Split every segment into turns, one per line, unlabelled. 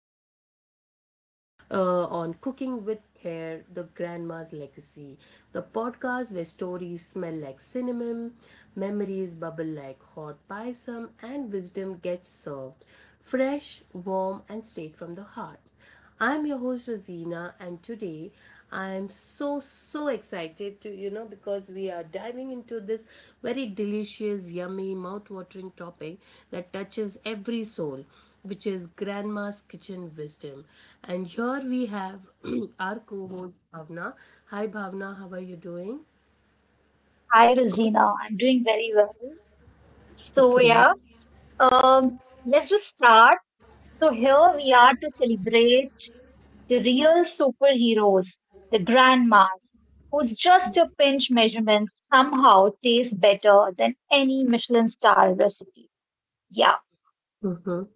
episode with me on Cooking with Care The Grandma's Legacy, the podcast where stories smell like cinnamon, memories bubble like hot pisum, and wisdom gets served fresh, warm, and straight from the heart. I'm your host Rosina, and today I am so excited to because we are diving into this very delicious, yummy, mouth-watering topic that touches every soul, which is grandma's kitchen wisdom. And here we have our co-host Bhavna. Hi Bhavna, how are you doing?
Hi, Rosina. I'm doing very well. So,
Great.
yeah, um, let's just start. So here we are to celebrate the real superheroes, the grandmas, who's just a pinch measurement somehow taste better than any Michelin star recipe. Yeah,
Mhm.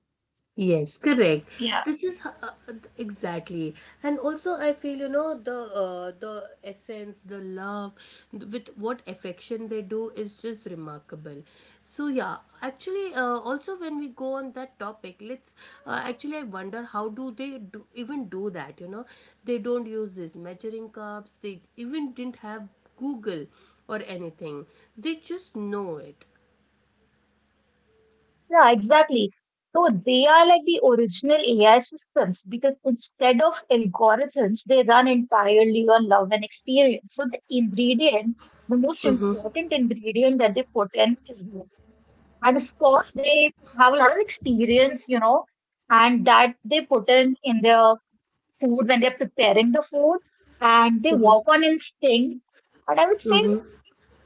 Yes, correct.
yeah.
Exactly, and also I feel the essence, the love, with what affection they do is just remarkable. So yeah, actually, also when we go on that topic, let's actually I wonder how do they do even do that? You know, they don't use these measuring cups. They even didn't have Google or anything. They just know it.
Yeah, exactly. So they are like the original AI systems because instead of algorithms, they run entirely on love and experience. The most important ingredient that they put in is love. And of course, they have a lot of experience, and that they put in their food when they're preparing the food, and they work on instinct. And I would say
Mm-hmm.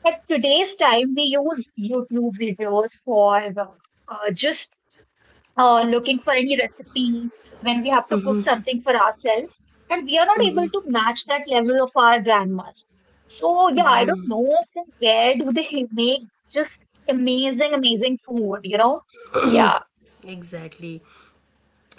at today's time, we use YouTube videos for just looking for any recipe when we have to cook something for ourselves, and we are not able to match that level of our grandmas. So yeah, I don't know from where do they make just amazing food, you know. Yeah.
Exactly.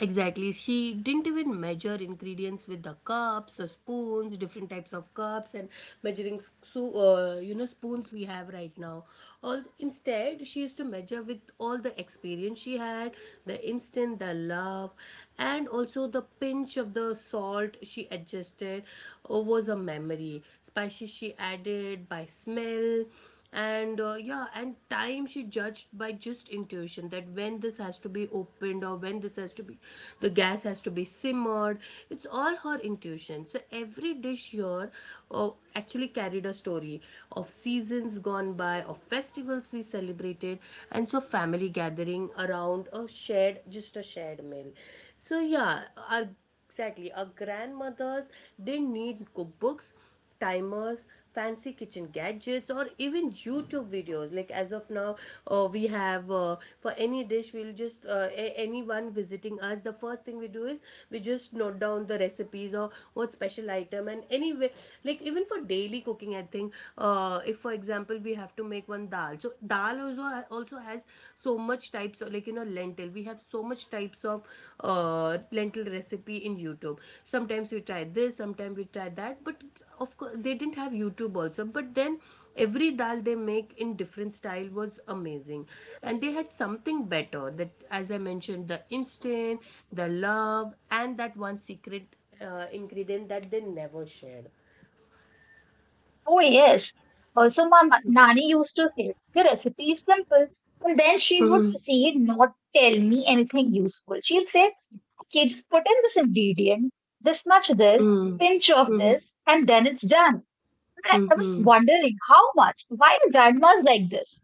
Exactly. She didn't even measure ingredients with the cups or spoons, different types of cups and measuring so, you know spoons we have right now. All instead, she used to measure with all the experience she had, the instant, the love, and also the pinch of the salt she adjusted was a memory. Spices she added by smell and yeah and time she judged by just intuition that when this has to be opened or when this has to be the gas has to be simmered. It's all her intuition. So every dish here actually carried a story of seasons gone by, of festivals we celebrated, and so family gathering around a shared just a shared meal. So yeah, our Exactly. Our grandmothers didn't need cookbooks, timers, fancy kitchen gadgets, or even YouTube videos like as of now. We have for any dish we'll just anyone visiting us, the first thing we do is we just note down the recipes or what special item. And anyway, like even for daily cooking I think, if for example we have to make one dal, so dal also has so much types of, like, you know, lentil. We have so much types of lentil recipe in YouTube. Sometimes we try this, sometimes we try that, but of course they didn't have YouTube also, but then every dal they make in different style was amazing. And they had something better that, as I mentioned, the instant, the love, and that one secret ingredient that they never shared.
Oh yes, also my nani used to say the recipe is simple, and then she would proceed not tell me anything useful. She'd say, okay, just put in this ingredient, this much of this,
Mm-hmm.
pinch of
Mm-hmm.
this, and then it's done. I was
Mm-hmm.
wondering how much. Why the grandma's like this?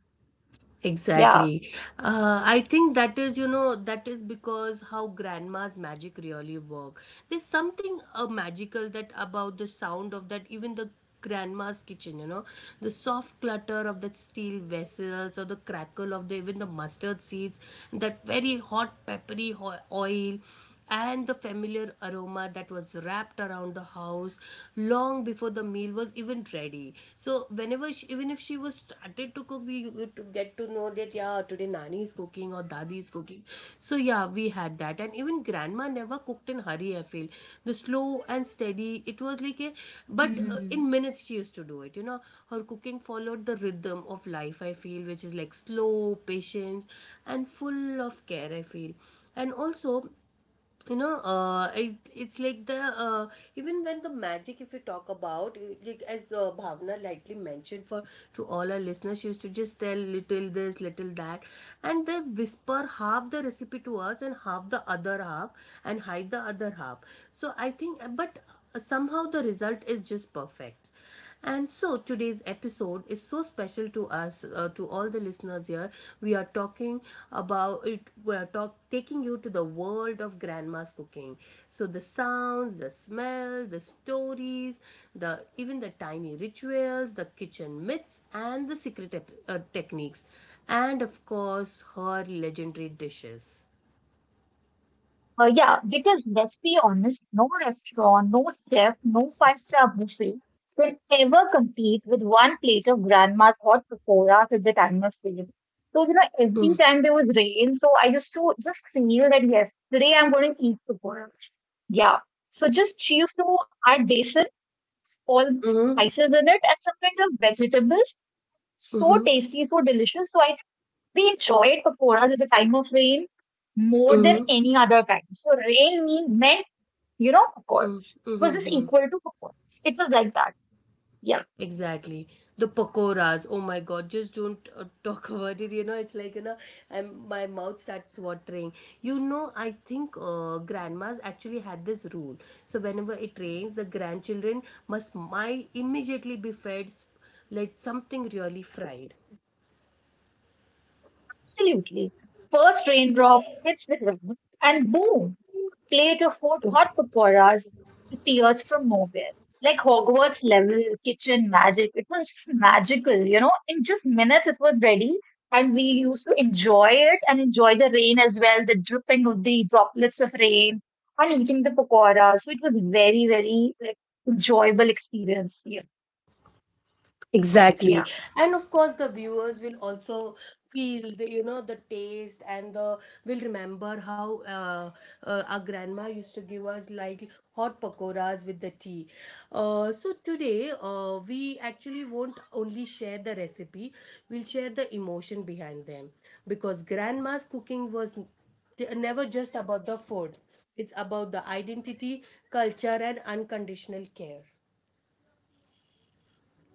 Yeah.
Exactly. I think that is, you know, that is because how grandma's magic really work. There's something magical that about the sound of that, even the grandma's kitchen, you know, the soft clutter of that steel vessels or the crackle of the even the mustard seeds, that very hot peppery oil and the familiar aroma that was wrapped around the house long before the meal was even ready. So whenever she, even if she was started to cook, we would to get to know that yeah, today nani is cooking or dadi is cooking. So yeah, we had that. And even grandma never cooked in hurry, I feel, the slow and steady, it was like a, but in
Hmm.
minutes she used to do it, you know. Her cooking followed the rhythm of life, I feel, which is like slow patience and full of care, I feel. And also, you know, it, it's like the uh, even when the magic if you talk about like as Bhavna lightly mentioned, for to all our listeners, she used to just tell little this little that, and they whisper half the recipe to us and half the other half and hide the other half. So I think, but somehow the result is just perfect. And so today's episode is so special to us, to all the listeners here. We are talking about it. We are taking you to the world of grandma's cooking. So the sounds, the smell, the stories, the even the tiny rituals, the kitchen myths, and the secret techniques, and of course her legendary dishes.
Yeah, because let's be honest, no restaurant, no chef, no five-star buffet can ever compete with one plate of grandma's hot pakoras at the time of sale. So, you know, every
Mm-hmm.
time there was rain, so I used to just feel that yes, today I'm going to eat pakoras. Yeah. So just she used to add basin, all the
Mm-hmm.
spices in it, and some kind of vegetables. So tasty, so delicious. So I, we enjoyed pakoras at the time of rain more than
Mm-hmm.
any other time. So rain meant, you know, pakoras. It was just
Mm-hmm.
equal to pakoras. It was like that. Yeah,
Exactly. The pakoras. Oh my God, just don't talk about it. You know, it's like, you know, I'm, my mouth starts watering. You know, I think grandmas actually had this rule. So, whenever it rains, the grandchildren must might immediately be fed like something really fried.
absolutely. First raindrop hits the ground and boom, plate of hot, hot pakoras appears from nowhere. Like Hogwarts level kitchen magic. It was just magical, you know. In just minutes, it was ready. And we used to enjoy it and enjoy the rain as well, the dripping of the droplets of rain and eating the pakoras. So it was very, very, like, enjoyable experience. Yeah, yeah,
Exactly. And of course, the viewers will also feel the, you know, the taste and the will remember how our grandma used to give us like hot pakoras with the tea. So today, we actually won't only share the recipe, we'll share the emotion behind them because grandma's cooking was never just about the food. It's about the identity, culture, and unconditional care.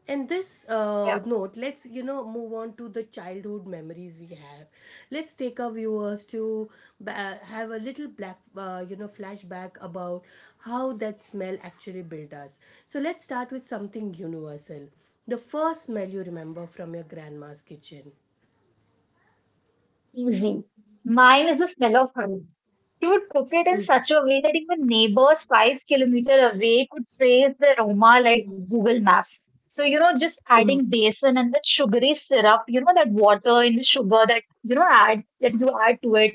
And this
yeah.
note, let's move on to the childhood memories we have. Let's take our viewers to have a little black, you know, flashback about how that smell actually built us. So let's start with something universal. The first smell you remember from your grandma's kitchen.
Easy. Mine is the smell of honey. She would cook it in such a way that even neighbors 5 kilometers away could trace the aroma like
Mm-hmm.
Google Maps. So, you know, just adding basin and that sugary syrup, you know, that water in the sugar that, you know, add that you add to it.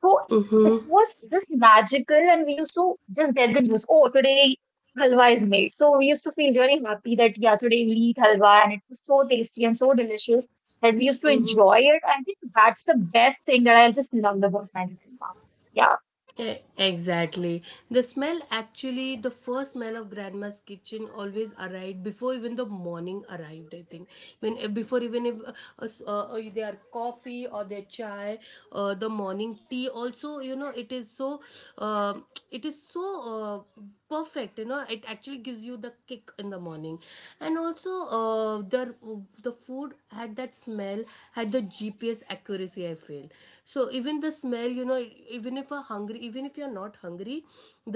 So it
Mm-hmm.
was just magical, and we used to just get the news. Oh, today halwa is made. So we used to feel really happy that yeah, today we eat halwa, and it was so tasty and so delicious that we used to enjoy it. I think that's the best thing that I just loved about my grandma. Yeah,
Exactly. The smell actually, the first smell of grandma's kitchen always arrived before even the morning arrived. I think when before even if s- their coffee or their chai, the morning tea also, you know, it is so, um it is so. Perfect, you know, it actually gives you the kick in the morning. And also uh, the the food had that smell, had the GPS accuracy, I feel. So even the smell, you know, even if you're hungry, even if you're not hungry,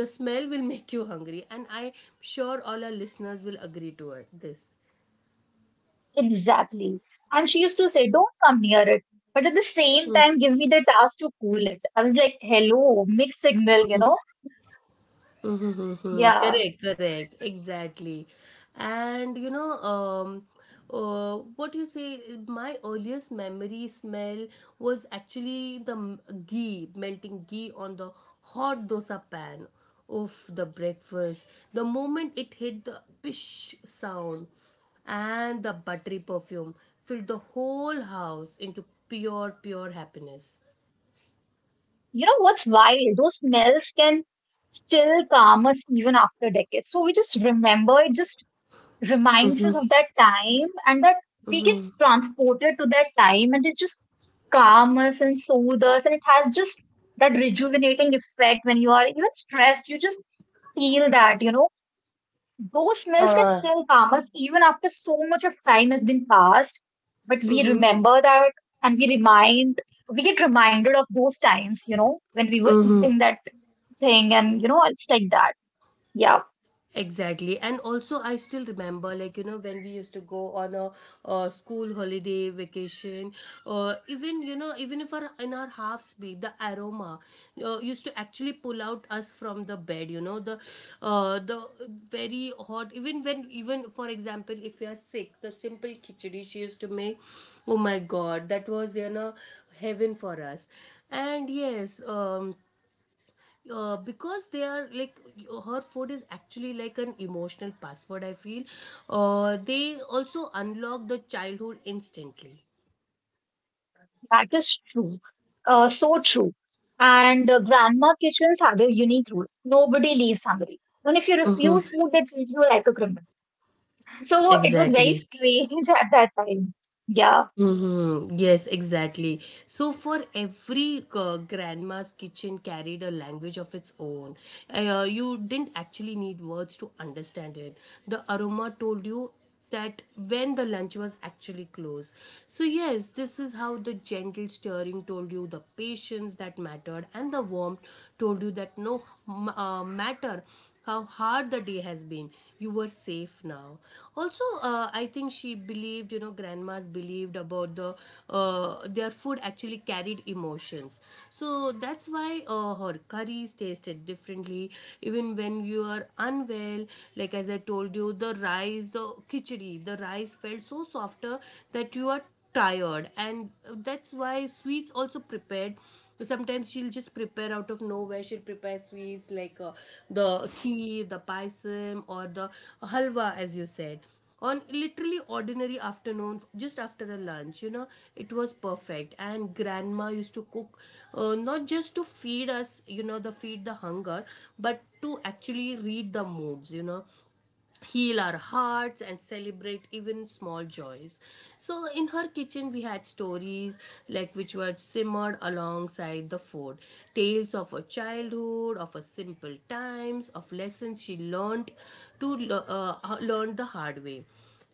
the smell will make you hungry. And I'm sure all our listeners will agree to it, this
exactly. And she used to say, "Don't come near it." But at the same time, give me the task to cool it. I was like, hello, mixed signal, you know?
Hmm. hmm
Yeah.
Correct, exactly. And you know, what you say, my earliest memory smell was actually ghee, melting ghee on the hot dosa pan of the breakfast. The moment it hit the pish sound and the buttery perfume filled the whole house into pure happiness.
You know what's wild? Those smells can still calm us even after decades. So we just remember, it just reminds us
Mm-hmm.
of that time, and that we get
Mm-hmm.
transported to that time, and it just calms us and soothes us. And it has just that rejuvenating effect when you are even stressed, you just feel that, you know. Those smells can
Uh,
still calm us even after so much of time has been passed, but we
Mm-hmm.
remember that, and we get reminded of those times, you know, when we were
mm-hmm.
eating that thing and, you know, it's like that. Yeah,
Exactly. And also, I still remember, like, you know, when we used to go on a, uh, school holiday vacation, even, you know, even if our, in our half sleep, the aroma used to actually pull out us from the bed, you know, the very hot, even when, even for example, if you are sick, the simple khichdi she used to make, oh my God, that was, you know, heaven for us. And yes, because they are like her food is actually like an emotional password, I feel. They also unlock the childhood instantly.
that is true. So true. And grandma kitchens had a unique rule. Nobody leaves hungry. And if you
Mm-hmm.
refuse food, they treat you like a criminal. So it was very
exactly
strange at that time. Yeah.
Mm-hmm. Yes, exactly. So, for every grandma's kitchen carried a language of its own. You didn't actually need words to understand it. The aroma told you that when the lunch was actually closed. So, yes, this is how the gentle stirring told you the patience that mattered, and the warmth told you that no matter how hard the day has been, you were safe now. Also I think she believed, you know, grandmas believed about the their food actually carried emotions. So that's why her curries tasted differently even when you are unwell. Like as I told you, the rice, the khichdi, the rice felt so softer that you are tired. And that's why sweets also prepared. Sometimes she'll just prepare out of nowhere, she'll prepare sweets like the kheer, the paisim, or the halwa as you said, on literally ordinary afternoons just after a lunch, you know. It was perfect. And grandma used to cook not just to feed us, you know, the feed the hunger, but to actually read the moods, you know, heal our hearts and celebrate even small joys. So in her kitchen we had stories, like, which were simmered alongside the food, tales of her childhood, of her simple times, of lessons she learned to learned the hard way.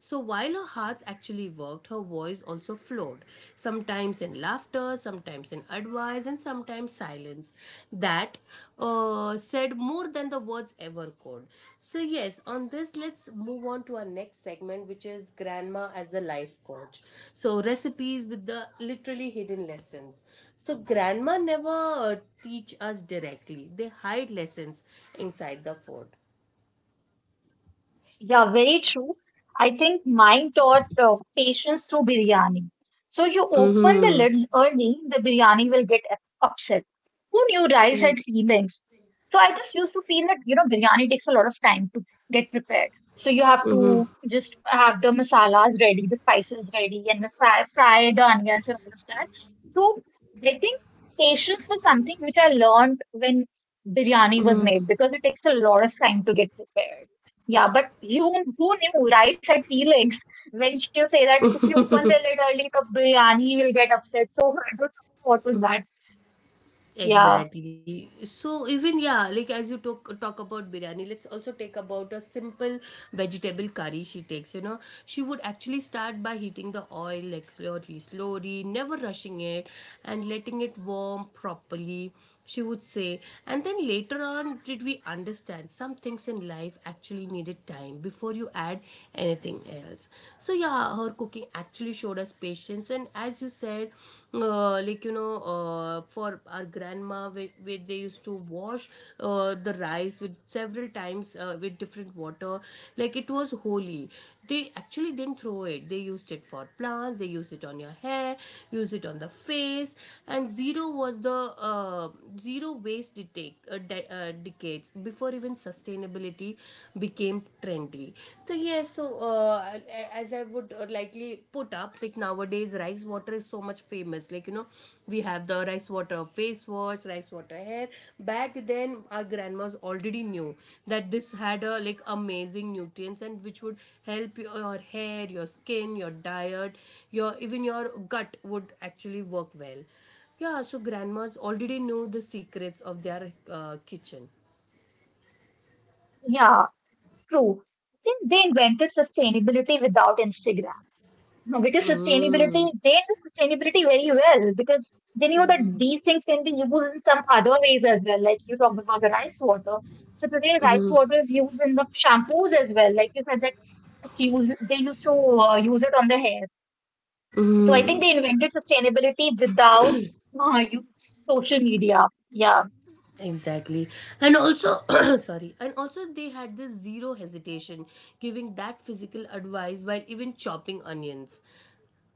So while her hearts actually worked, her voice also flowed, sometimes in laughter, sometimes in advice, and sometimes silence. That said more than the words ever could. So, yes, on this, let's move on to our next segment, which is Grandma as a life coach. So, recipes with the literally hidden lessons. So, Grandma never teach us directly, they hide lessons inside the food.
Yeah, very true. I think mine taught patience through biryani. So you open the
Mm-hmm.
lid early, the biryani will upset. Who knew rice had feelings? So I just used to feel that, you know, biryani takes a lot of time to get prepared. So you have
Mm-hmm.
to just have the masalas ready, the spices ready, and fry the onions and all of that. So I think patience was something which I learned when
Mm-hmm.
biryani was made because it takes a lot of time to get prepared. Yeah, but you, who knew rice had feelings, when she'll say that if you open the lid early, the biryani will get upset. So I don't know what was that. Yeah,
Exactly. So even yeah, like as you talk about biryani, let's also take about a simple vegetable curry she takes. You know, she would actually start by heating the oil like slowly, slowly, never rushing it, and letting it warm properly she would say. And then later on, did we understand some things in life actually needed time before you add anything else? So, yeah, her cooking actually showed us patience. And as you said, for our grandma, where they used to wash the rice with several times with different water, like it was holy. They actually didn't throw it, they used it for plants, they used it on your hair, used it on the face. And zero waste decades before even sustainability became trendy. So yes. As I would likely put up, like nowadays rice water is so much famous. We have the rice water face wash, rice water hair. Back then our grandmas already knew that this had a like amazing nutrients, and which would help your hair, your skin, your diet, your even your gut would actually work well. Yeah, so grandmas already knew the secrets of their kitchen.
yeah, true. I think they invented sustainability without Instagram. No, because sustainability,
Mm.
they knew sustainability very well because they knew that
Mhm.
these things can be used in some other ways as well. Like you talked about the rice water. So today, rice water is used in the shampoos as well. Like you said that it's used, they used to use it on the hair. So I think they invented sustainability without social media. Yeah.
Exactly. And also, sorry, and also they had this zero hesitation giving that physical advice while even chopping onions,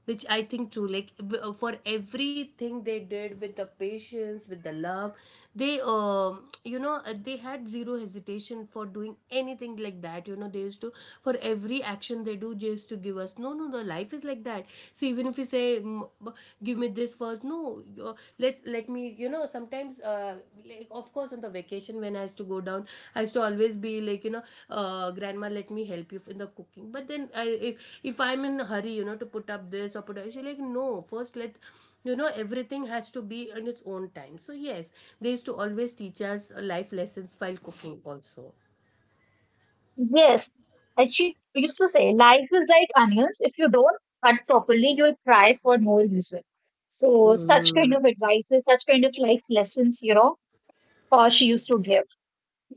which I think too, like for everything they did with the patience, with the love, they had zero hesitation for doing anything like that. You know, they used to, for every action they do, they used to give us, no, no, the life is like that. So even if you say, "Mm, give me this first, no, let me, you know sometimes like of course on the vacation when I used to go down, I used to always be like, grandma, let me help you in the cooking, but then I, if I'm in a hurry, to put up this or put up, she's like, no, first let you know everything has to be in its own time." So yes, they used to always teach us life lessons while cooking also.
Yes. As she used to say, life is like onions. If you don't cut properly, you'll cry for no reason. So such kind
Mm.
of advices, such kind of life lessons, you know, she used to give.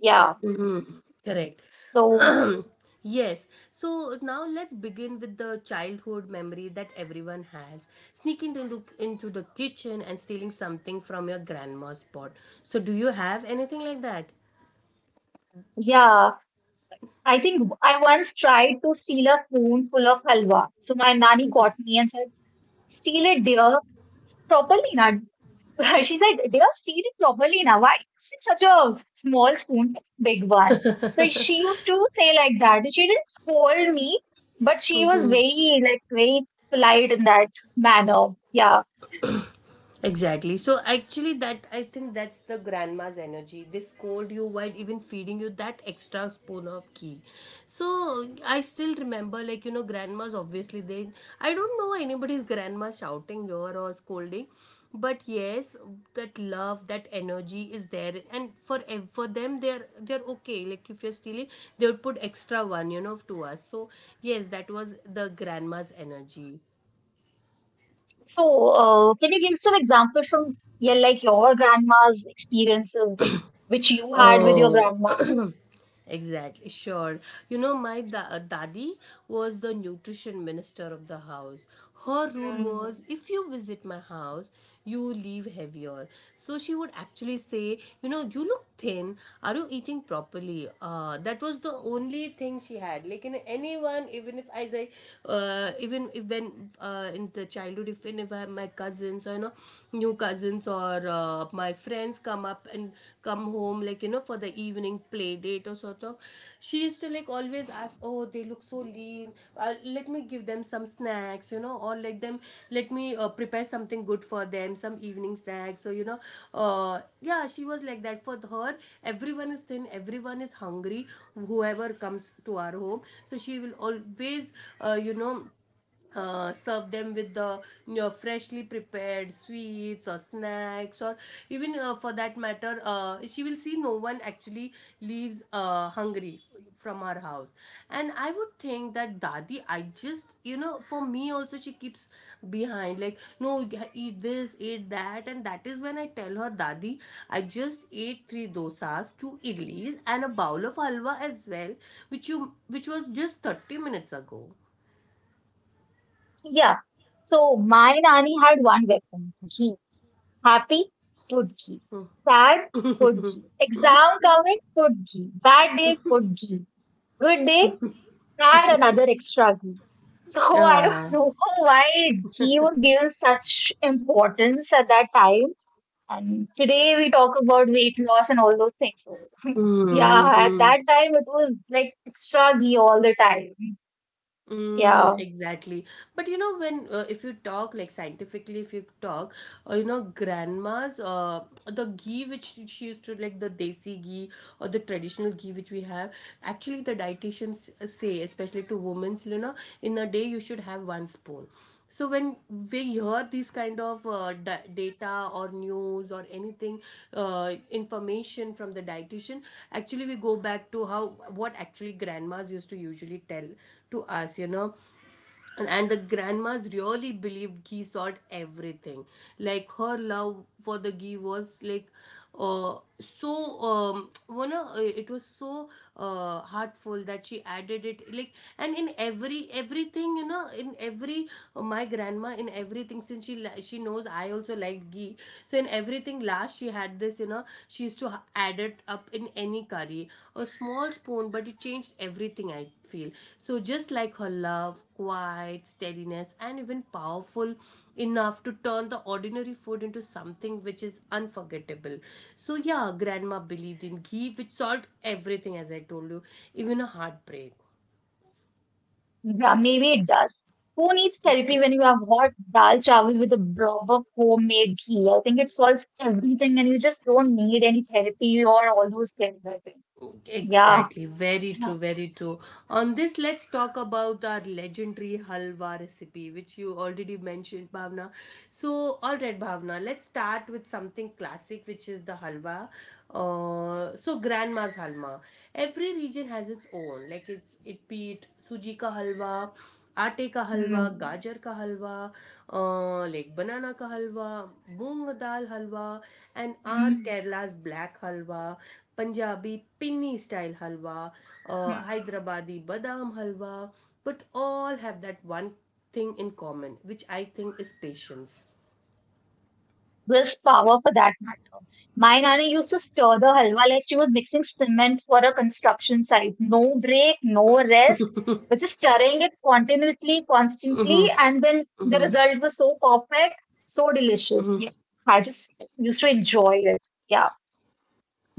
Yeah.
Mm-hmm. Correct.
So
Yes. So now let's begin with the childhood memory that everyone has. Sneaking into the kitchen and stealing something from your grandma's pot. So do you have anything like that?
yeah. I think I once tried to steal a spoon full of halwa. So my nanny caught me and said, "Steal it, dear. Properly, na. She said, dear, steer it properly now. Why using such a small spoon, big one?" So she used to say like that. She didn't scold me, but she was very, like, very polite in that manner. Yeah.
Exactly. So actually that, I think that's the grandma's energy. They scold you while even feeding you that extra spoon of ghee. So I still remember, grandmas obviously, they, I don't know anybody's grandma shouting here or scolding, but yes, that love, that energy is there. And for for them, they're okay, like if you're stealing, they would put extra one, to us. So yes, that was the grandma's energy.
So can you give some example from, yeah, like your grandma's experiences, like which you had with your
Oh,
grandma?
exactly. Sure. You know, my daddy was the nutrition minister of the house. Her rule
Hmm.
was, if you visit my house, you leave heavier. So she would actually say, "You know, you look thin. Are you eating properly?" That was the only thing she had. Like, in anyone, even if I say, even if when in the childhood, if I have my cousins or, you know, new cousins or my friends come up and come home, for the evening play date or sort of, she used to like always ask, "Oh, they look so lean, let me give them some snacks, or let them, let me prepare something good for them, some evening snacks." So yeah, she was like that. For her, everyone is thin, everyone is hungry, whoever comes to our home. So she will always, uh, you know serve them with the freshly prepared sweets or snacks, or even for that matter, she will see no one actually leaves hungry from her house. And I would think that, dadi, I just, for me also she keeps behind, like, "No, yeah, eat this, eat that." And that is when I tell her, "Dadi, I just ate three dosas, two idlis and a bowl of halwa as well, which was just 30 minutes ago."
Yeah. So my nanny had one weapon. Happy pudgi. Sad pudgi. Exam coming pudgi. Bad day pudgi. Good day. Add another extra G. So I don't
呀，
know why G was given such importance at that time. And today we talk about weight loss and all those things. So
嗯嗯
yeah, at
嗯。
that time it was like extra G all the time.
Mm,
Yeah.
exactly. But you know, when if you talk like scientifically, if you talk, grandmas, the ghee which she used to, like the desi ghee or the traditional ghee which we have, actually, the dietitians say, especially to women, you know, in a day you should have one spoon. So when we hear these kind of data or news or anything, information from the dietitian, actually we go back to how, what actually grandmas used to usually tell to us, you know. And the grandmas really believed ghee solved everything. Like her love for the ghee was like, it was so heartful that she added it, like, and in everything, in every, my grandma in everything, since she knows I also like ghee. So in everything, last past, she had this, she used to add it up in any curry, a small spoon, but it changed everything, I feel. So just like her love, quiet, steadiness and even powerful enough to turn the ordinary food into something which is unforgettable. So yeah, grandma believed in ghee, which solved everything, as I told you, even a heartbreak.
Yeah, maybe it does. Who needs therapy when you have hot dal chawal with a blob of homemade ghee? I think it solves everything, and you just don't need any therapy or all those things. I think. Yeah.
Exactly, very true, very true. On this, let's talk about our legendary halwa recipe, which you already mentioned, Bhavna. So, all right, Bhavna, let's start with something classic, which is the halwa. So, grandma's halwa. Every region has its own, like it's, it be it suji ka halwa, आटे का हलवा
Hmm.
गाजर का हलवा like बनाना का हलवा मूंग दाल हलवा and our
Hmm.
Kerala's black halwa, Punjabi pinni style halwa,
Hmm.
Hyderabadi badam halwa, but all have that one thing in common, which I think is patience.
Willpower for that matter. My nana used to stir the halwa like she was mixing cement for a construction site. No break, no rest, but just stirring it continuously, constantly, and then the result was so perfect, so delicious. Yeah, I just used to enjoy it. Yeah.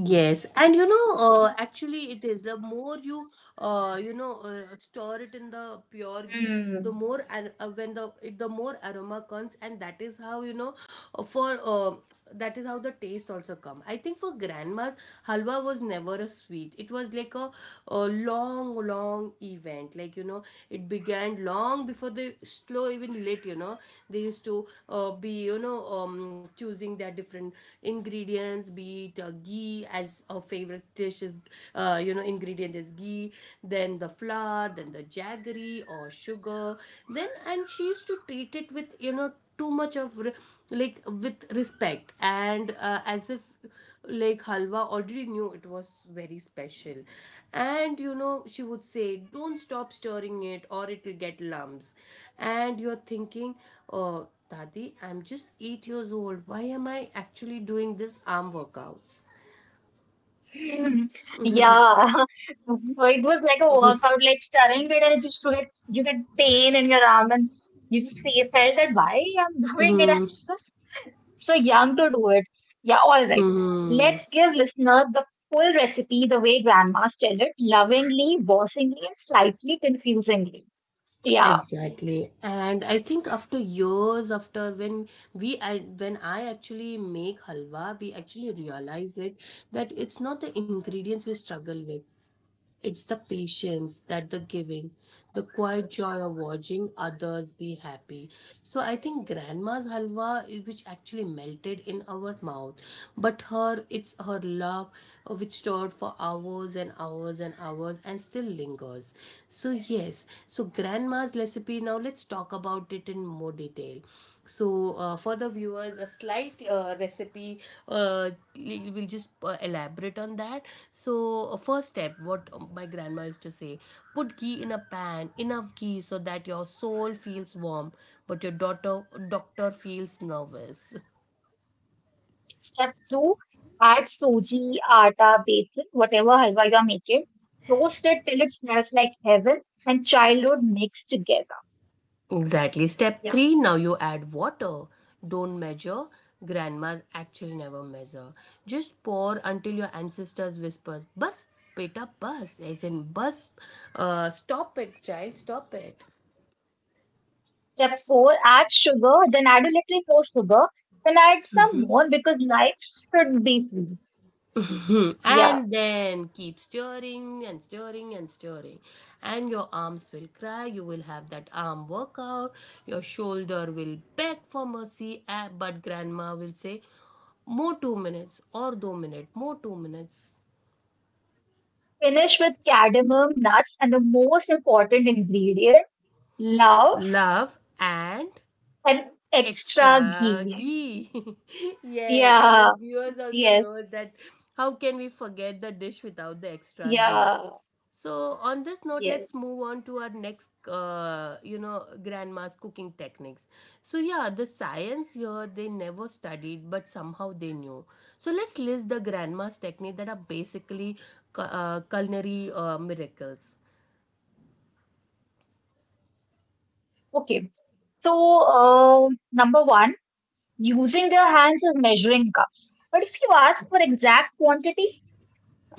Yes, and you know, actually, it is the more you, store it in the pure ghee, the
Mm.
more, and when the more aroma comes, and that is how you know, for that is how the taste also come. I think for grandma's, halwa was never a sweet. It was like a long, long event. Like you know, it began long before the slow even lit. You know, they used to be, choosing their different ingredients, be it ghee, as our favorite dish is, ingredient is ghee, then the flour, then the jaggery or sugar, then, and she used to treat it with, too much of like with respect, and as if, like halwa already knew it was very special. And you know, she would say, don't stop stirring it or it will get lumps. And you're thinking, oh, dadi, I'm just 8 years old, why am I actually doing this arm workouts?
Yeah. It was like a workout, like stirring it, and it used to get you get pain in your arm, and you just felt that why I'm doing
Hmm.
it. I'm so, so Yang to do it. Yeah, all right.
Hmm.
Let's give listener the full recipe the way grandmas tell it, lovingly, bossingly, and slightly confusingly. Yeah.
Exactly. And I think after years, after when we I when I actually make halwa, we actually realize it, that it's not the ingredients we struggle with, it's the patience, that the giving, the quiet joy of watching others be happy. So I think grandma's halwa, which actually melted in our mouth, but her, it's her love, which stored for hours and hours and hours, and still lingers. So yes, so grandma's recipe history. Now let's talk about it in more detail. So for the viewers, a slight recipe. Uh, we'll just elaborate on that. So first step, what my grandma used to say: put ghee in a pan, enough ghee so that your soul feels warm, but your daughter doctor feels nervous.
Step two, add suji, atta, besan, whatever halwa you're making. Roast it till it smells like heaven and childhood mixed together.
Exactly. Step
Yeah.
three, now you add water. Don't measure. Grandmas actually never measure. Just pour until your ancestors whispers, "Bus, beta, bus." As in, bus, stop it, child, stop it.
Step four, add sugar, then add a little more sugar, then add some more because life should be sweet.
Hmm.
Yeah.
And then keep stirring and stirring and stirring. And your arms will cry. You will have that arm workout. Your shoulder will beg for mercy. But grandma will say, more 2 minutes, or 2 minutes, more 2 minutes.
Finish with cadmium nuts and the most important ingredient, love
Love and
and extra
extra
ghee.
ghee. Yes, now
Yeah,
viewers also
yes,
knows that how can we forget the dish without the extra ghee.
yeah,
So on this note,
yes.
let's move on to our next, grandma's cooking techniques. So yeah, the science here they never studied, but somehow they knew. So let's list the grandma's technique that are basically culinary miracles.
Okay, so number one, using their hands as measuring cups. But if you ask for exact quantity,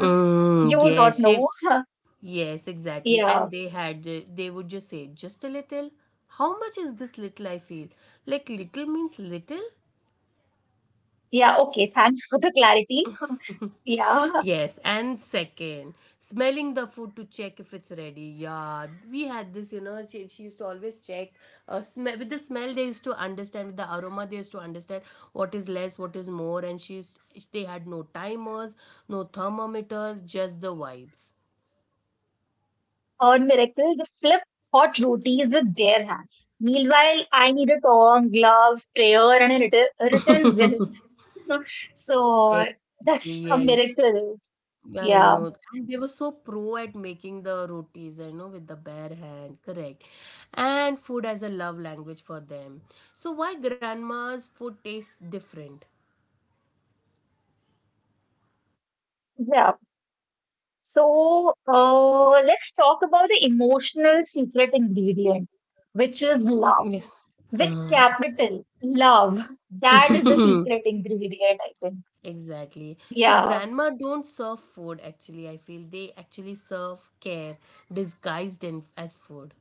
uh, you would not
yes,
know.
she Yes, exactly.
Yeah,
And they would just say, just a little. How much is this little? I feel like little means little.
yeah, okay, thanks for the clarity. Yeah.
Yes, and second, smelling the food to check if it's ready. Yeah, we had this, she used to always check. With the smell, they used to understand. With the aroma, they used to understand what is less, what is more. They had no timers, no thermometers, just the vibes.
Third miracle, they flip hot rotis with bare hands. Meanwhile, I need a tong, gloves, prayer, and a written will. So
Exactly,
that's a
yes.
miracle.
Yeah, I
Yeah,
know. And they were so pro at making the rotis, I know, with the bare hand, correct. And food as a love language for them. So why grandma's food tastes different?
yeah. So let's talk about the emotional secret ingredient, which is love.
Yes.
With
Uh,
capital, love. That is the secret ingredient, I think.
exactly. So
Yeah.
grandma don't serve food actually, I feel. They actually serve care disguised in as food.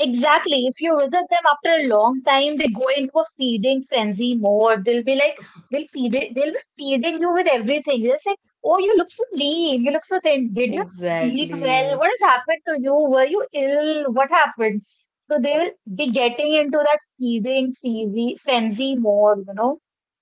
Exactly. If you visit them after a long time, they go into a feeding frenzy mode. They'll be like, they'll feed it, they'll be feeding you with everything. They're just like, oh, you look so lean, you look so thin. Did you eat well?
Exactly.
What has happened to you? Were you ill? What happened? So they will be getting into that feeding frenzy mode, you know?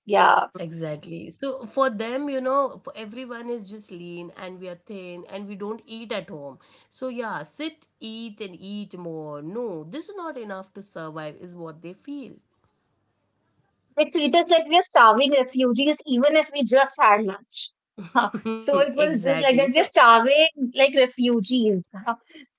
Yeah.
Exactly. So for them, you know, for everyone is just lean and we are thin and we don't eat at home. So yeah, sit, eat, and eat more. No, this is not enough to survive, is what they feel.
They treat us like we are starving refugees, even if we just had lunch. Huh. So it was just
Exactly.
like
So,
that. We're starving like refugees. Huh.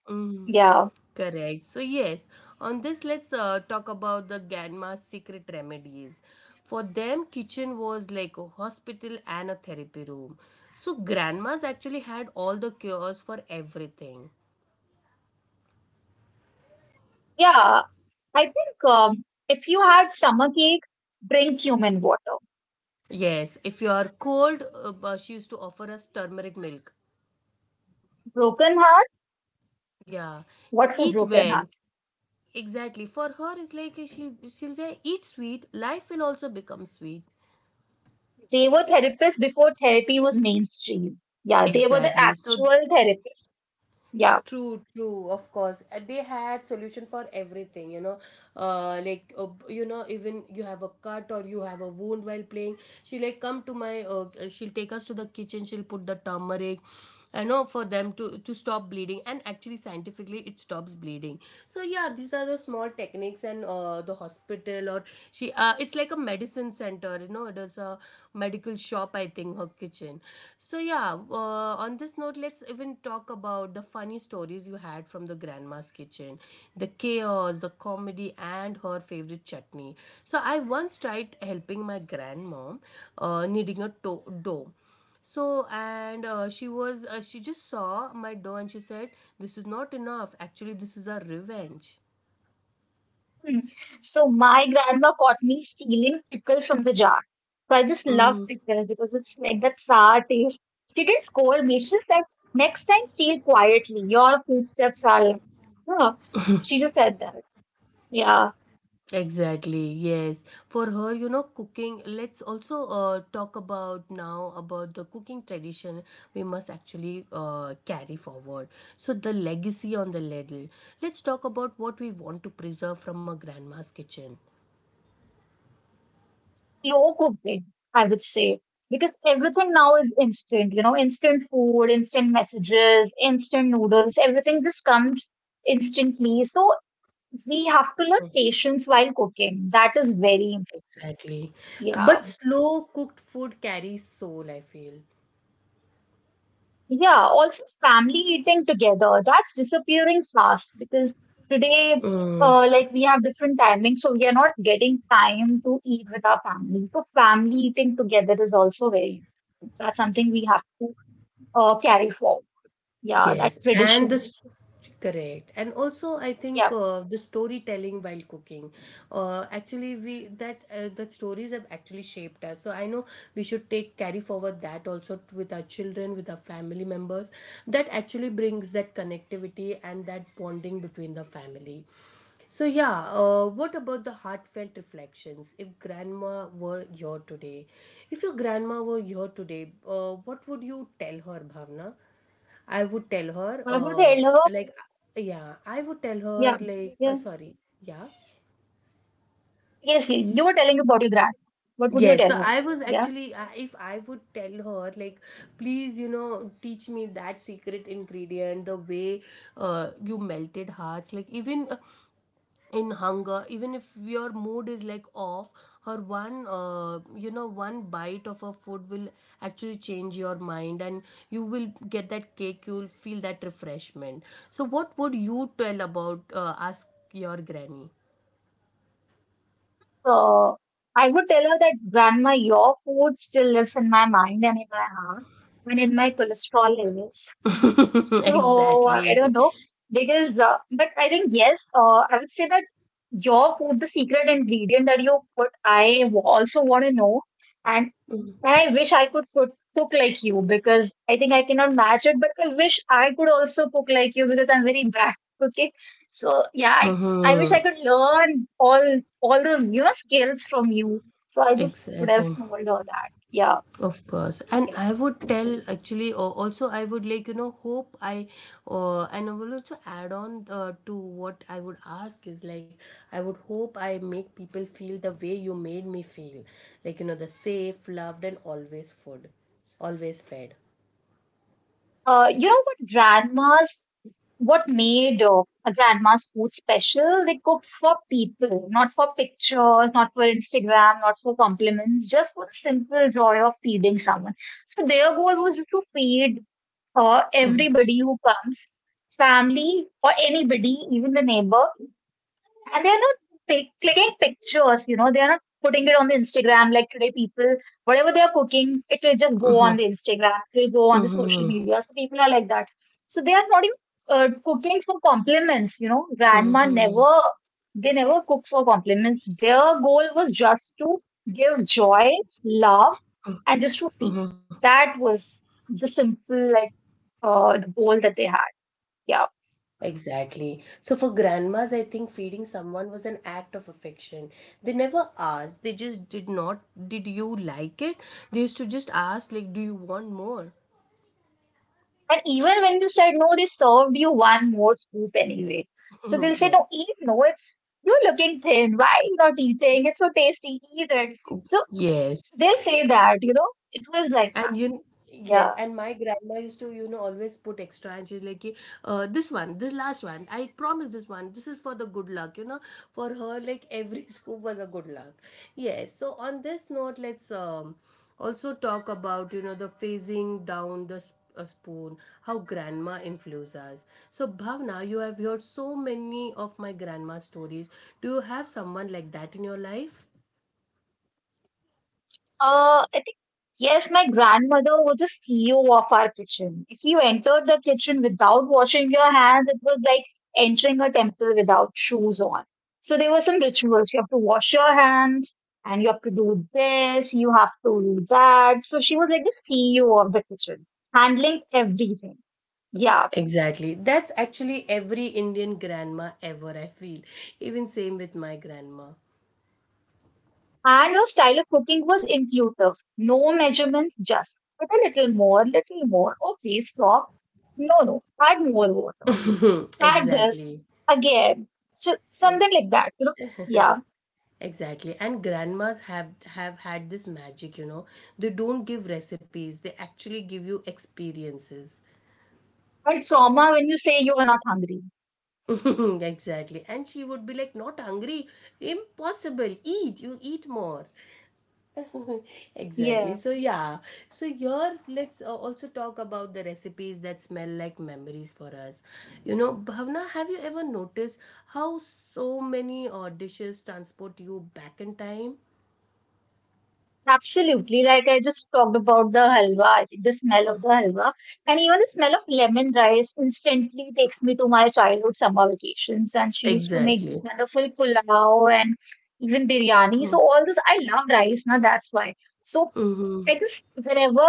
mm,
Yeah.
correct. So, yes, on this, let's talk about the Ganma's secret remedies. For them, kitchen was like a hospital and a therapy room. So, grandmas actually had all the cures for everything.
Yeah, I think if you had stomach ache, drink human water.
Yes, if you are cold, but she used to offer us turmeric milk.
Broken heart,
Yeah,
what for
eat
broken heart?
well. Exactly. For her, it's like she'll say, eat sweet. Life will also become sweet.
They were therapists before therapy was mainstream. Yeah, they were the
Exactly.
actual therapists. Yeah.
True, true, of course. They had solution for everything, you know. You know, even you have a cut or you have a wound while playing. She like come to my. She'll take us to the kitchen. She'll put the turmeric, you know, for them to stop bleeding. And actually, scientifically, it stops bleeding. So yeah, these are the small techniques and the hospital or she. It's like a medicine center, you know. It is a medical shop, I think, her kitchen. So yeah, on this note, let's even talk about the funny stories you had from the grandma's kitchen, the chaos, the comedy, and her favorite chutney. So I once tried helping my grandmom, kneading a dough. So and she was She just saw my dough and she said, this is not enough. Actually, this is our revenge.
Hmm. So my grandma caught me stealing pickle from the jar. So I just love pickle because it's like that sour taste. She didn't scold me. She said, "Next time steal quietly. Your footsteps are like" Huh. She just said that. Yeah.
Exactly, yes. For her, you know, cooking, let's also talk about now about the cooking tradition we must actually carry forward. So, the legacy on the ladle. Let's talk about what we want to preserve from a grandma's kitchen.
Slow cooking, I would say, because everything now is instant, instant food, instant messages, instant noodles, everything just comes instantly. So we have to learn
Mm.
patience while cooking. That is very,
Exactly.
yeah.
But slow cooked food carries soul, I feel.
Yeah. Also, family eating together, that's disappearing fast because today,
Mm.
like we have different timings, so we are not getting time to eat with our family. So family eating together is also very important. That's something we have to carry forward. Yeah, that
Yes, and the
tradition.
s- Correct, and also I think
Yeah.
the storytelling while cooking. Actually, we that That stories have actually shaped us. So I know we should take carry forward that also with our children, with our family members. That actually brings that connectivity and that bonding between the family. So yeah, what about the heartfelt reflections? If grandma were here today, if your grandma were here today, what would you tell her, Bhavna? I would tell her,
What would I tell her?
like, yeah, I would tell her,
Yeah.
like,
Yeah.
sorry, yeah.
Yes, you were telling about your grand. What would
Yes,
you
so
tell her?
I was
Yeah.
actually, I if I would tell her, like, please, you know, teach me that secret ingredient, the way you melted hearts, like, even in hunger, even if your mood is like off, or one you know, one bite of a food will actually change your mind, and you will get that cake, you'll feel that refreshment. So what would you tell about ask your granny?
So I would tell her that grandma, your food still lives in my mind and in my heart and in my cholesterol levels. So I don't
exactly.
know because, but I think yes, I would say that your food, the secret ingredient that you put, also want to know. And I wish I could cook, cook like you because I think I cannot match it. But I wish I could also cook like you because I'm very bad at cooking. So yeah, I wish
Mm-hmm.
I could learn all those skills from you. So I just would have
Exactly.
known all that. Yeah,
Of course, and
yeah.
I would tell actually, or also I would like, you know, hope I, and I will also add on to what I would ask is like, I would hope I make people feel the way you made me feel, like, you know, the safe, loved, and always food, always fed.
Uh, you know what grandmas what made a grandma's food special? They cook for people, not for pictures, not for Instagram, not for compliments, just for the simple joy of feeding someone. So their goal was just to feed or
Mm-hmm.
everybody who comes, family or anybody, even the neighbor, and they are not clicking pictures, you know, they are not putting it on the Instagram like today people, whatever they are cooking, it will just go on
Mm-hmm.
the Instagram, it will go on the social media. So people are like that. So they are not even cooking for compliments, you know. Grandma
Mm-hmm.
never, they never cook for compliments. Their goal was just to give joy, love, and just to feel.
Mm-hmm.
That was the simple, like, the goal that they had. Yeah.
Exactly. So for grandmas, I think feeding someone was an act of affection. They never asked. They just did not. Did you like it? They used to just ask, like, do you want more?
And even when you said no, they served you one more scoop anyway. So they'll say,
yeah.
no, eat. No, it's, you're looking thin. Why are you not eating? It's so tasty. Eat it. So
Yes.
they'll say that, you know, it was like that.
And you, kn- yes,
Yeah.
and my grandma used to, you know, always put extra, and she's like, "Ki, this one, this last one, I promise this one, this is for the good luck, you know." For her, like every scoop was a good luck. Yes. So on this note, let's also talk about, you know, the phasing down the s- a spoon, how grandma influences us. So Bhavna, you have heard so many of my grandma stories. Do you have someone like that in your life?
I think, yes, my grandmother was the CEO of our kitchen. If you entered the kitchen without washing your hands, it was like entering a temple without shoes on. So there were some rituals. You have to wash your hands and you have to do this, you have to do that. So she was like the CEO of the kitchen, handling everything. Yeah.
Exactly. That's actually every Indian grandma ever, I feel. Even same with my grandma.
And her style of cooking was intuitive. No measurements, just put a little more, little more. Okay, stop. No, no, add more water. Try this
Exactly.
again. So
E-
something like that, you know? Yeah.
Exactly. And grandmas have had this magic, you know. They don't give recipes, they actually give you experiences.
And trauma when you say you are not hungry.
Exactly. And she would be like, not hungry. Impossible. Eat. You eat more. exactly,
Yeah.
so yeah. So here, let's also talk about the recipes that smell like memories for us. You know, Bhavna, have you ever noticed how so many dishes transport you back in time?
Absolutely. Like I just talked about the halwa, I think the smell of the halwa. And even the smell of lemon rice instantly takes me to my childhood summer vacations. And she used to make
Exactly.
wonderful pulao and even biryani. So all this I love rice, now that's why. So
Mm-hmm.
I just whenever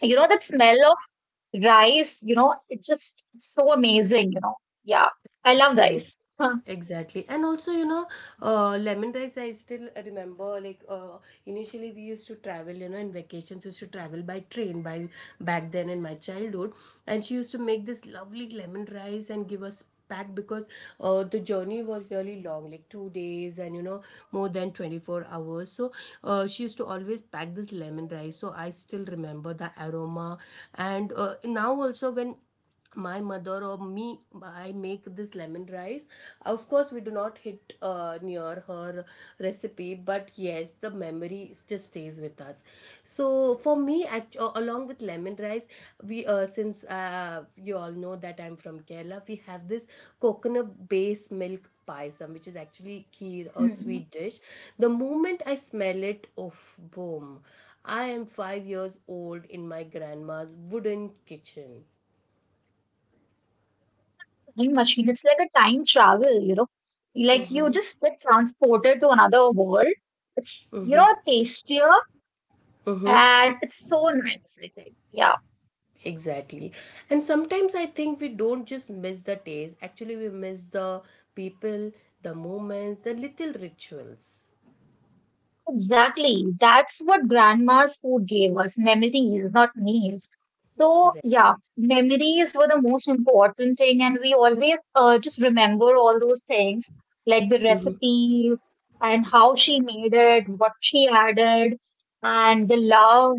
you know that smell rice, you know, it's just so amazing, you know. Yeah, I love
Correct.
rice. Huh.
Exactly. And also, you know, lemon rice, I still remember, like, initially we used to travel, you know, in vacations, we used to travel by train, by back then in my childhood. And she used to make this lovely lemon rice and give us back because the journey was really long, like 2 days, and, you know, more than 24 hours. So she used to always pack this lemon rice. So I still remember the aroma. And now also when my mother or me, I make this lemon rice, of course we do not hit near her recipe, but yes, the memory just stays with us. Along with lemon rice, we since you all know that I'm from Kerala. We have this coconut based milk paisam, which is actually kheer or
Hmm.
sweet dish. The moment I smell it, oof, boom, I am 5 years old in my grandma's wooden kitchen.
Time machine, it's like a time travel, you know. Like you
Mm-hmm.
just get transported to another world. It's, you
Mm-hmm.
know, tastier
Mm-hmm.
and it's so nice, I think. Yeah.
Exactly. And sometimes I think we don't just miss the taste. Actually, we miss the people, the moments, the little rituals.
Exactly. That's what grandma's food gave us, memories, not meals. So,
Correct.
yeah, memories were the most important thing, and we always just remember all those things, like the
Mm-hmm.
recipes and how she made it, what she added, and the love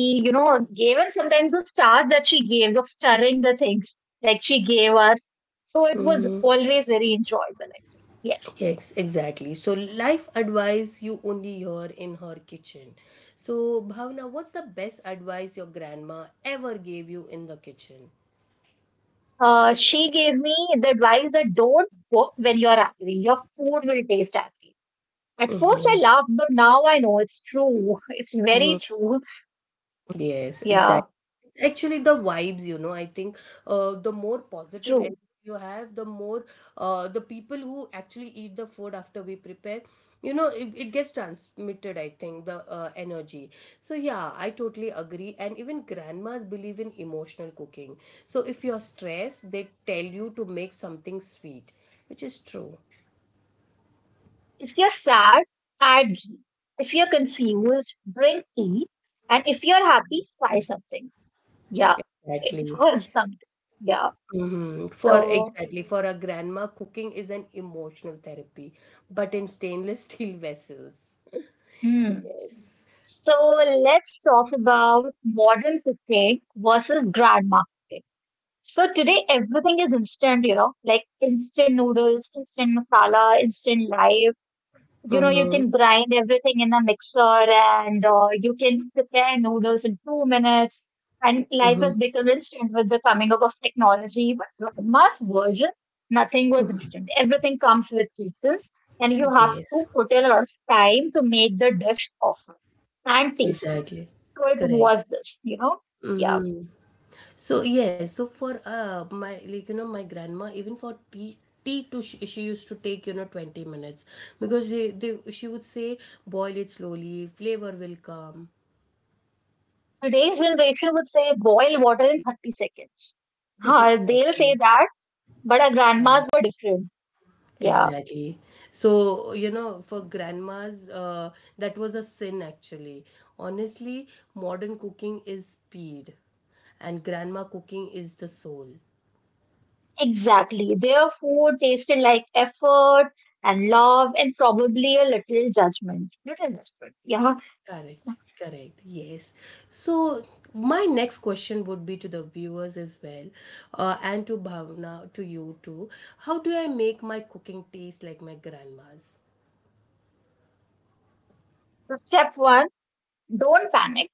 she, you know, gave, and sometimes the stars that she gave of stirring the things like she gave us. So it was
Mm-hmm.
always very enjoyable, I think. Yes.
Yes, exactly. So, life advice you only hear in her kitchen. So, Bhavna, what's the best advice your grandma ever gave you in the kitchen?
She gave me the advice that don't cook when you're angry. Your food will taste angry. At first,
Mm-hmm.
I laughed, but now I know it's true. It's very true.
Yes, exactly.
Yeah,
It's actually the vibes, you know. I think the more positive energy
true.
you have, the more the people who actually eat the food after we prepare, you know, it gets transmitted, I think, the energy. So, yeah, I totally agree. And even grandmas believe in emotional cooking. So, if you're stressed, they tell you to make something sweet, which is true.
If you're sad, add ghee. If you're confused, drink tea. And if you're happy, try something. Yeah, it
Exactly.
was something. Yeah.
Mhm.
So,
For a grandma, cooking is an emotional therapy, but in stainless steel vessels.
hmm.
Yes.
So let's talk about modern cooking versus grandma cooking. So today everything is instant, you know, like instant noodles, instant masala, instant life. You know, you
Mm-hmm.
can grind everything in a mixer and you can prepare noodles in 2 minutes. And life
Mm-hmm.
has become instant with the coming up of technology. But the mass version, nothing was instant. Everything comes with kitchens and you have
Yes,
to put a lot of time to make the dish often and tasty.
exactly.
So it
Correct.
was this, you know. Yeah.
Mm-hmm. So yes, so for my, like, you know, my grandma, even for tea, tea to she used to take, you know, 20 minutes because, they she would say, boil it slowly, flavor will come.
Today's generation would say boil water in 30 seconds. Huh, they'll say
exactly.
that, but our
uh,
grandmas were different. Yeah,
Exactly. So, you know, for grandmas, that was a sin actually. Honestly, modern cooking is speed, and grandma cooking is the soul.
exactly. Their food tasted like effort and love and probably a little judgment. Little judgment. Yeah.
Correct. Correct. Yes. So, my next question would be to the viewers as well, and to Bhavna, to you too. How do I make my cooking taste like my grandma's?
So step one, don't panic.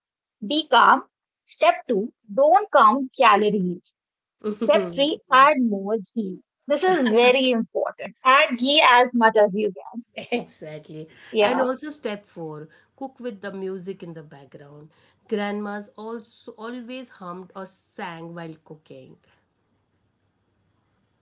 Be calm. Step two, don't count calories. Step three,
yes.
add more ghee. This is very important. Add ghee as much as you can.
Exactly. And
Yeah.
also step four, cook with the music in the background. Grandmas also always hummed or sang while cooking.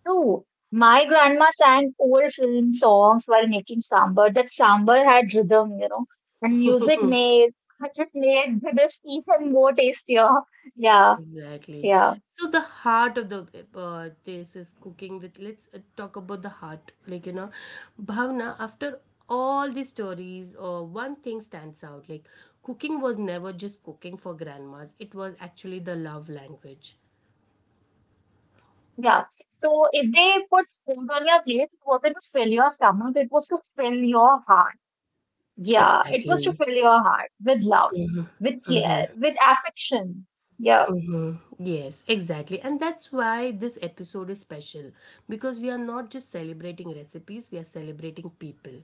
No, my grandma sang old film songs while making sambar. That sambar had rhythm, you know, and music made just made the dish even more tastier. Yeah,
Exactly.
yeah,
So the heart of the this is cooking with Let's talk about the heart. Like, you know, Bhavna, after all these stories, one thing stands out. Like, cooking was never just cooking for grandmas. It was actually the love language.
yeah. So if they put food on your plate, it wasn't to fill your stomach, it was to fill your heart. Yeah, it was to
Exactly.
fill your heart with love,
Hmm.
with care, with affection. Yeah.
Hmm. Yes, exactly. And that's why this episode is special because we are not just celebrating recipes, we are celebrating people.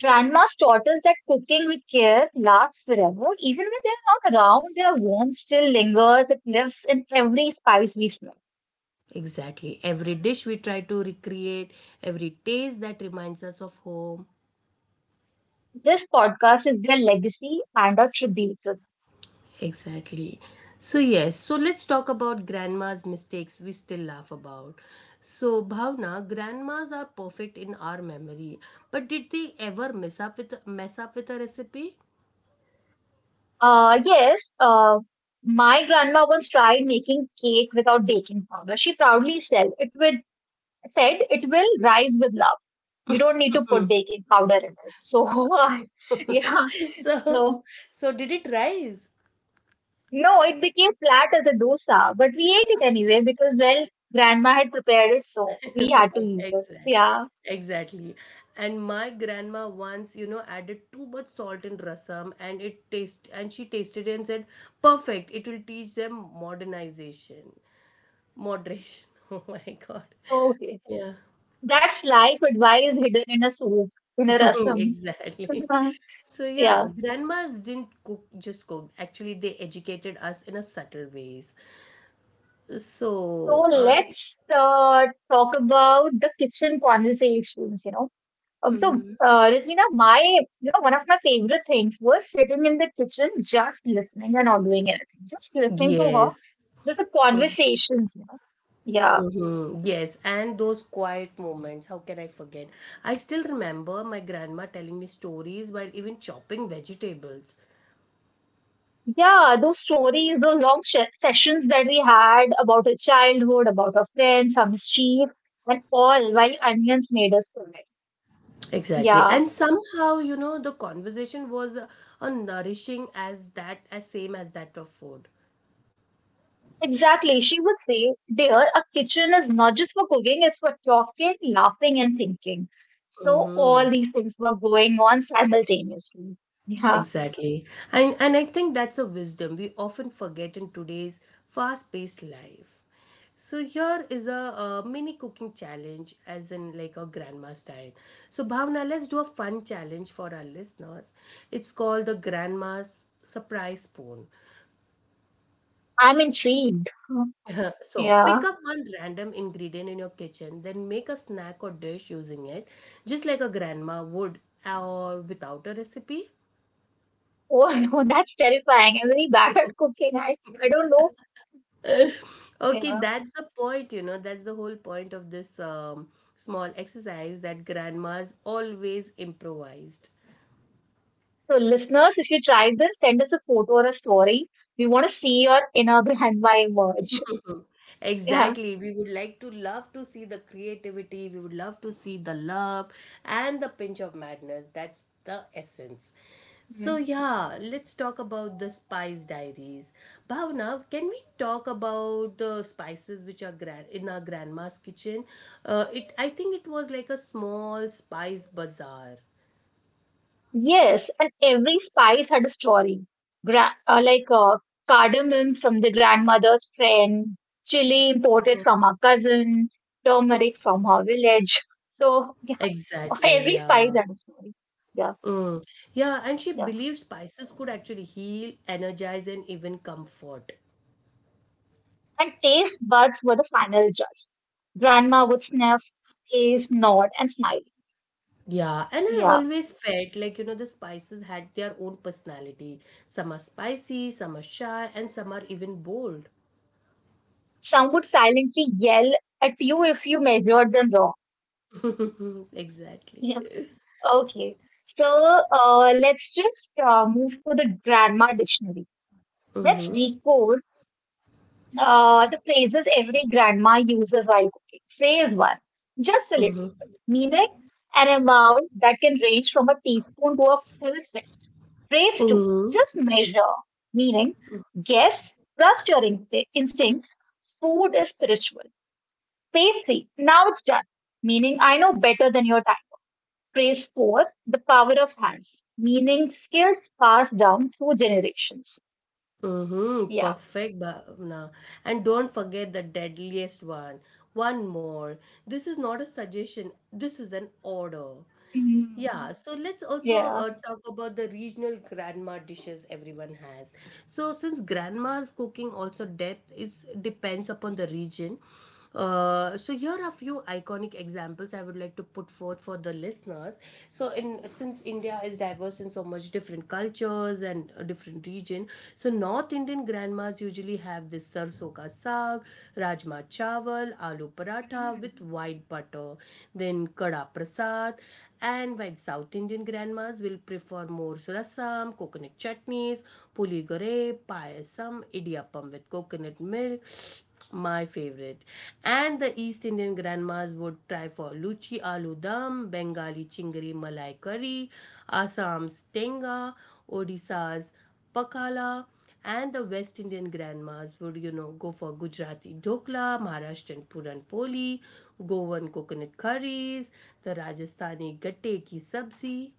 Grandma's taught us that cooking with care lasts forever. Even when they're not around, their warmth still lingers. It lives in every spice we smell.
Exactly. Every dish we try to recreate, every taste that reminds us of home.
This podcast is their legacy and a tribute to them.
Exactly. So, yes, so let's talk about grandma's mistakes we still laugh about. So, Bhavna, grandmas are perfect in our memory, but did they ever mess up with a recipe?
Yes, my grandma once tried making cake without baking powder. She proudly said it will rise with love. You don't need to put baking powder in it. So yeah,
So,
so.
so did it rise?
No, it became flat as a dosa, but we ate it anyway because, well, grandma had prepared it, so we had to eat it.
Exactly.
Yeah,
Exactly. And my grandma once, you know, added too much salt in rasam, and she tasted it and said, perfect, it will teach them modernization. Moderation. Oh my God.
okay.
Yeah.
That's life advice hidden in a soup, in a rasam.
Exactly. So yeah,
Yeah.
grandmas didn't cook. Actually, they educated us in a subtle ways.
So
So,
let's talk about the kitchen conversations, you know.
mhm.
Rasmina, my, you know, one of my favorite things was sitting in the kitchen, just listening and not doing anything, just listening to her,
Yes.
just the
Mm-hmm.
conversations, you know. Yeah.
Mhm. Yes, and those quiet moments, how can I forget? I still remember my grandma telling me stories while even chopping vegetables.
Yeah, those stories, those long sessions that we had about our childhood, about our friends, our mischief, and all while onions made us cry.
Exactly. And
Yeah,
somehow, you know, the conversation was a nourishing as that as same as that of food.
exactly. She would say, "Dear, a kitchen is not just for cooking, it's for talking, laughing, and thinking." So
Mm-hmm.
all these things were going on simultaneously. Yeah,
Exactly. And I think that's a wisdom we often forget in today's fast-paced life. So here is a, mini cooking challenge as in like a grandma style. So Bhavna, let's do a fun challenge for our listeners. It's called the grandma's surprise spoon.
I'm intrigued.
So
Yeah.
pick up one random ingredient in your kitchen, then make a snack or dish using it, just like a grandma would or without a recipe.
Oh no, that's terrifying. I'm really bad at cooking. I don't know.
Okay,
Yeah.
that's the point, you know, that's the whole point of this, small exercise that grandmas always improvised.
So, listeners, if you tried this, send us a photo or a story. We want to see your inner Behanwa emerge. Yeah.
Exactly. We would like to love to see the creativity. We would love to see the love and the pinch of madness. That's the essence. So,
Mm.
yeah, let's talk about the spice diaries. Bhavna, can we talk about the spices which are in our grandma's kitchen? It, I think it was like a small spice bazaar.
Yes, and every spice had a story. Like cardamom from the grandmother's friend, chili
Mm,
imported from her cousin, turmeric from her village. So, yeah,
exactly,
every spice
yeah.
had a story. Yeah,
Mm. Yeah, and she
yeah.
believed spices could actually heal, energize, and even comfort.
And taste buds were the final judge. Grandma would sniff, taste, nod, and smile.
Yeah, and I
Yeah.
always felt like, you know, the spices had their own personality. Some are spicy, some are shy, and some are even bold.
Some would silently yell at you if you measured them wrong.
Exactly.
Yeah. Okay, so let's just move to the grandma dictionary. Let's
Mm-hmm.
decode the phrases every grandma uses while cooking. Phrase one, just a little bit,
Mm-hmm.
meaning an amount that can range from a teaspoon to a full fist. Phrase two,
Mm-hmm.
just measure, meaning guess, trust your instincts, food is spiritual. Pastry, now it's done. Meaning, I know better than your type. Phrase four, the power of hands. Meaning, skills passed down through generations.
Mm-hmm.
Yeah.
Perfect, Bhavna. And don't forget the deadliest one. One more. This is not a suggestion, this is an order.
Mm.
Yeah, so let's also
Yeah.
talk about the regional grandma dishes everyone has. So since grandma's cooking also depth is depends upon the region. So here are a few iconic examples I would like to put forth for the listeners. So in since India is diverse in so much different cultures and different region, so North Indian grandmas usually have this sarso ka saag, rajma chawal, aloo paratha
Mm.
with white butter, then kada prasad and while South Indian grandmas will prefer more rasam, coconut chutneys, puligore, payasam, idiyappam with coconut milk, my favorite. And the East Indian grandmas would try for luchi aloo dum, Bengali chingari malai curry, Assam's tenga, Odisha's pakala, and the West Indian grandmas would, you know, go for Gujarati dokla, Maharashtrian puran poli, Goan coconut curries, the Rajasthani gatte ki sabzi.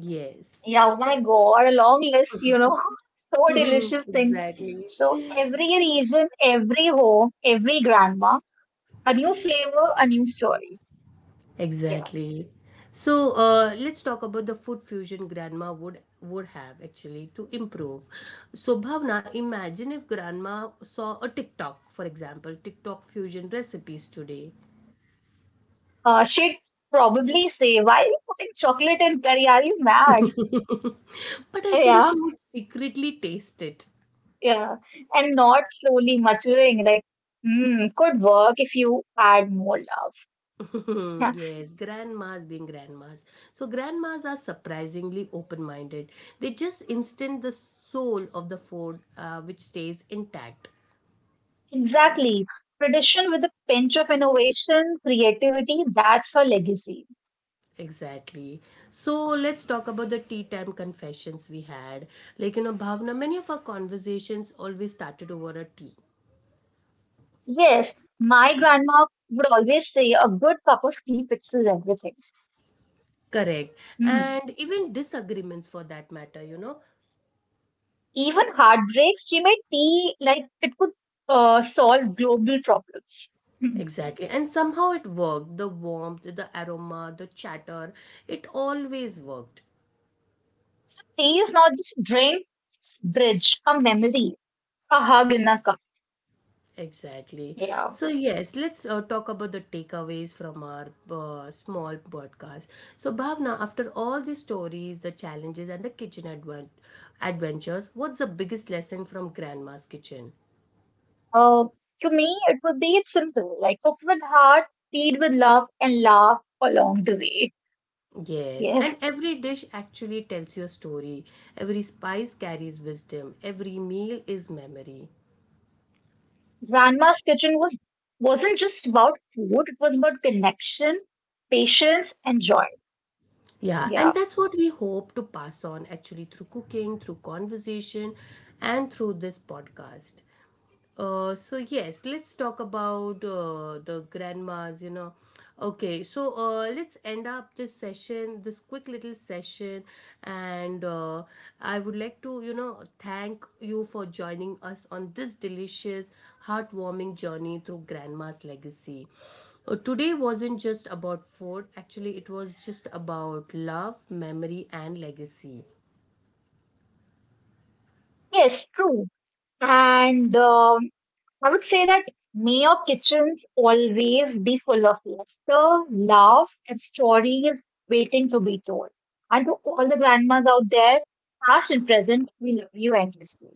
Yes.
Yeah, oh my God, a long list, you know, so delicious things.
Exactly.
So, every region, every home, every grandma, a new flavor, a new story. Yeah.
Exactly. So let's talk about the food fusion grandma would have actually to improve. So Bhavna, imagine if grandma saw a TikTok, for example, TikTok fusion recipes today.
She'd probably say, "Why are you putting chocolate in curry? Are you mad?"
But I think
Yeah.
she would secretly taste it.
Yeah, and not slowly maturing like, hmm, could work if you add more love. Yeah,
Yes, grandmas being grandmas. So, grandmas are surprisingly open minded. They just instant the soul of the food, which stays intact.
exactly. Tradition with a pinch of innovation, creativity, that's her legacy.
Exactly. So, let's talk about the tea time confessions we had. Like, you know, Bhavna, many of our conversations always started over a tea.
Yes, my grandma would always say a good cup of tea fixes everything.
Correct.
Hmm.
And even disagreements for that matter, you know.
Even heartbreaks, she made tea like it could solve global problems. Hmm.
Exactly. And somehow it worked. The warmth, the aroma, the chatter, it always worked.
So tea is not just drink, it's bridge, a memory, a hug in a cup.
Exactly.
Yeah.
So, yes, let's talk about the takeaways from our small podcast. So, Bhavna, after all the stories, the challenges, and the kitchen adventures, what's the biggest lesson from Grandma's kitchen?
Uh, to me, it would be it's simple, like cook with heart, feed with love, and laugh along the way.
Yes,
Yes,
and every dish actually tells your story. Every spice carries wisdom. Every meal is memory.
grandma's kitchen wasn't just about food; it was about connection, patience, and joy.
Yeah,
Yeah,
and that's what we hope to pass on actually through cooking, through conversation, and through this podcast. So yes, let's talk about the grandmas, you know. Okay, so let's end up this session, this quick little session, and I would like to, you know, thank you for joining us on this delicious, heartwarming journey through grandma's legacy. Today wasn't just about food, actually, it was just about love, memory, and legacy.
yes, true. And I would say that may your kitchens always be full of laughter, love, and stories waiting to be told. And to all the grandmas out there, past and present, we love you endlessly.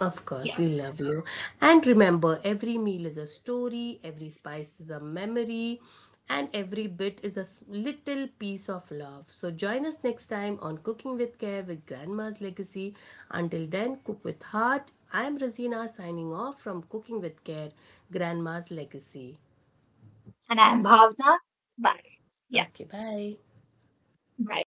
Of course,
Yeah.
we love you. And remember, every meal is a story, every spice is a memory, and every bit is a little piece of love. So join us next time on Cooking with Care with Grandma's Legacy. Until then, cook with heart. I am Razina signing off from Cooking with Care, Grandma's Legacy.
And I'm Bhavna. Bye. Yeah,
Okay, bye.
bye.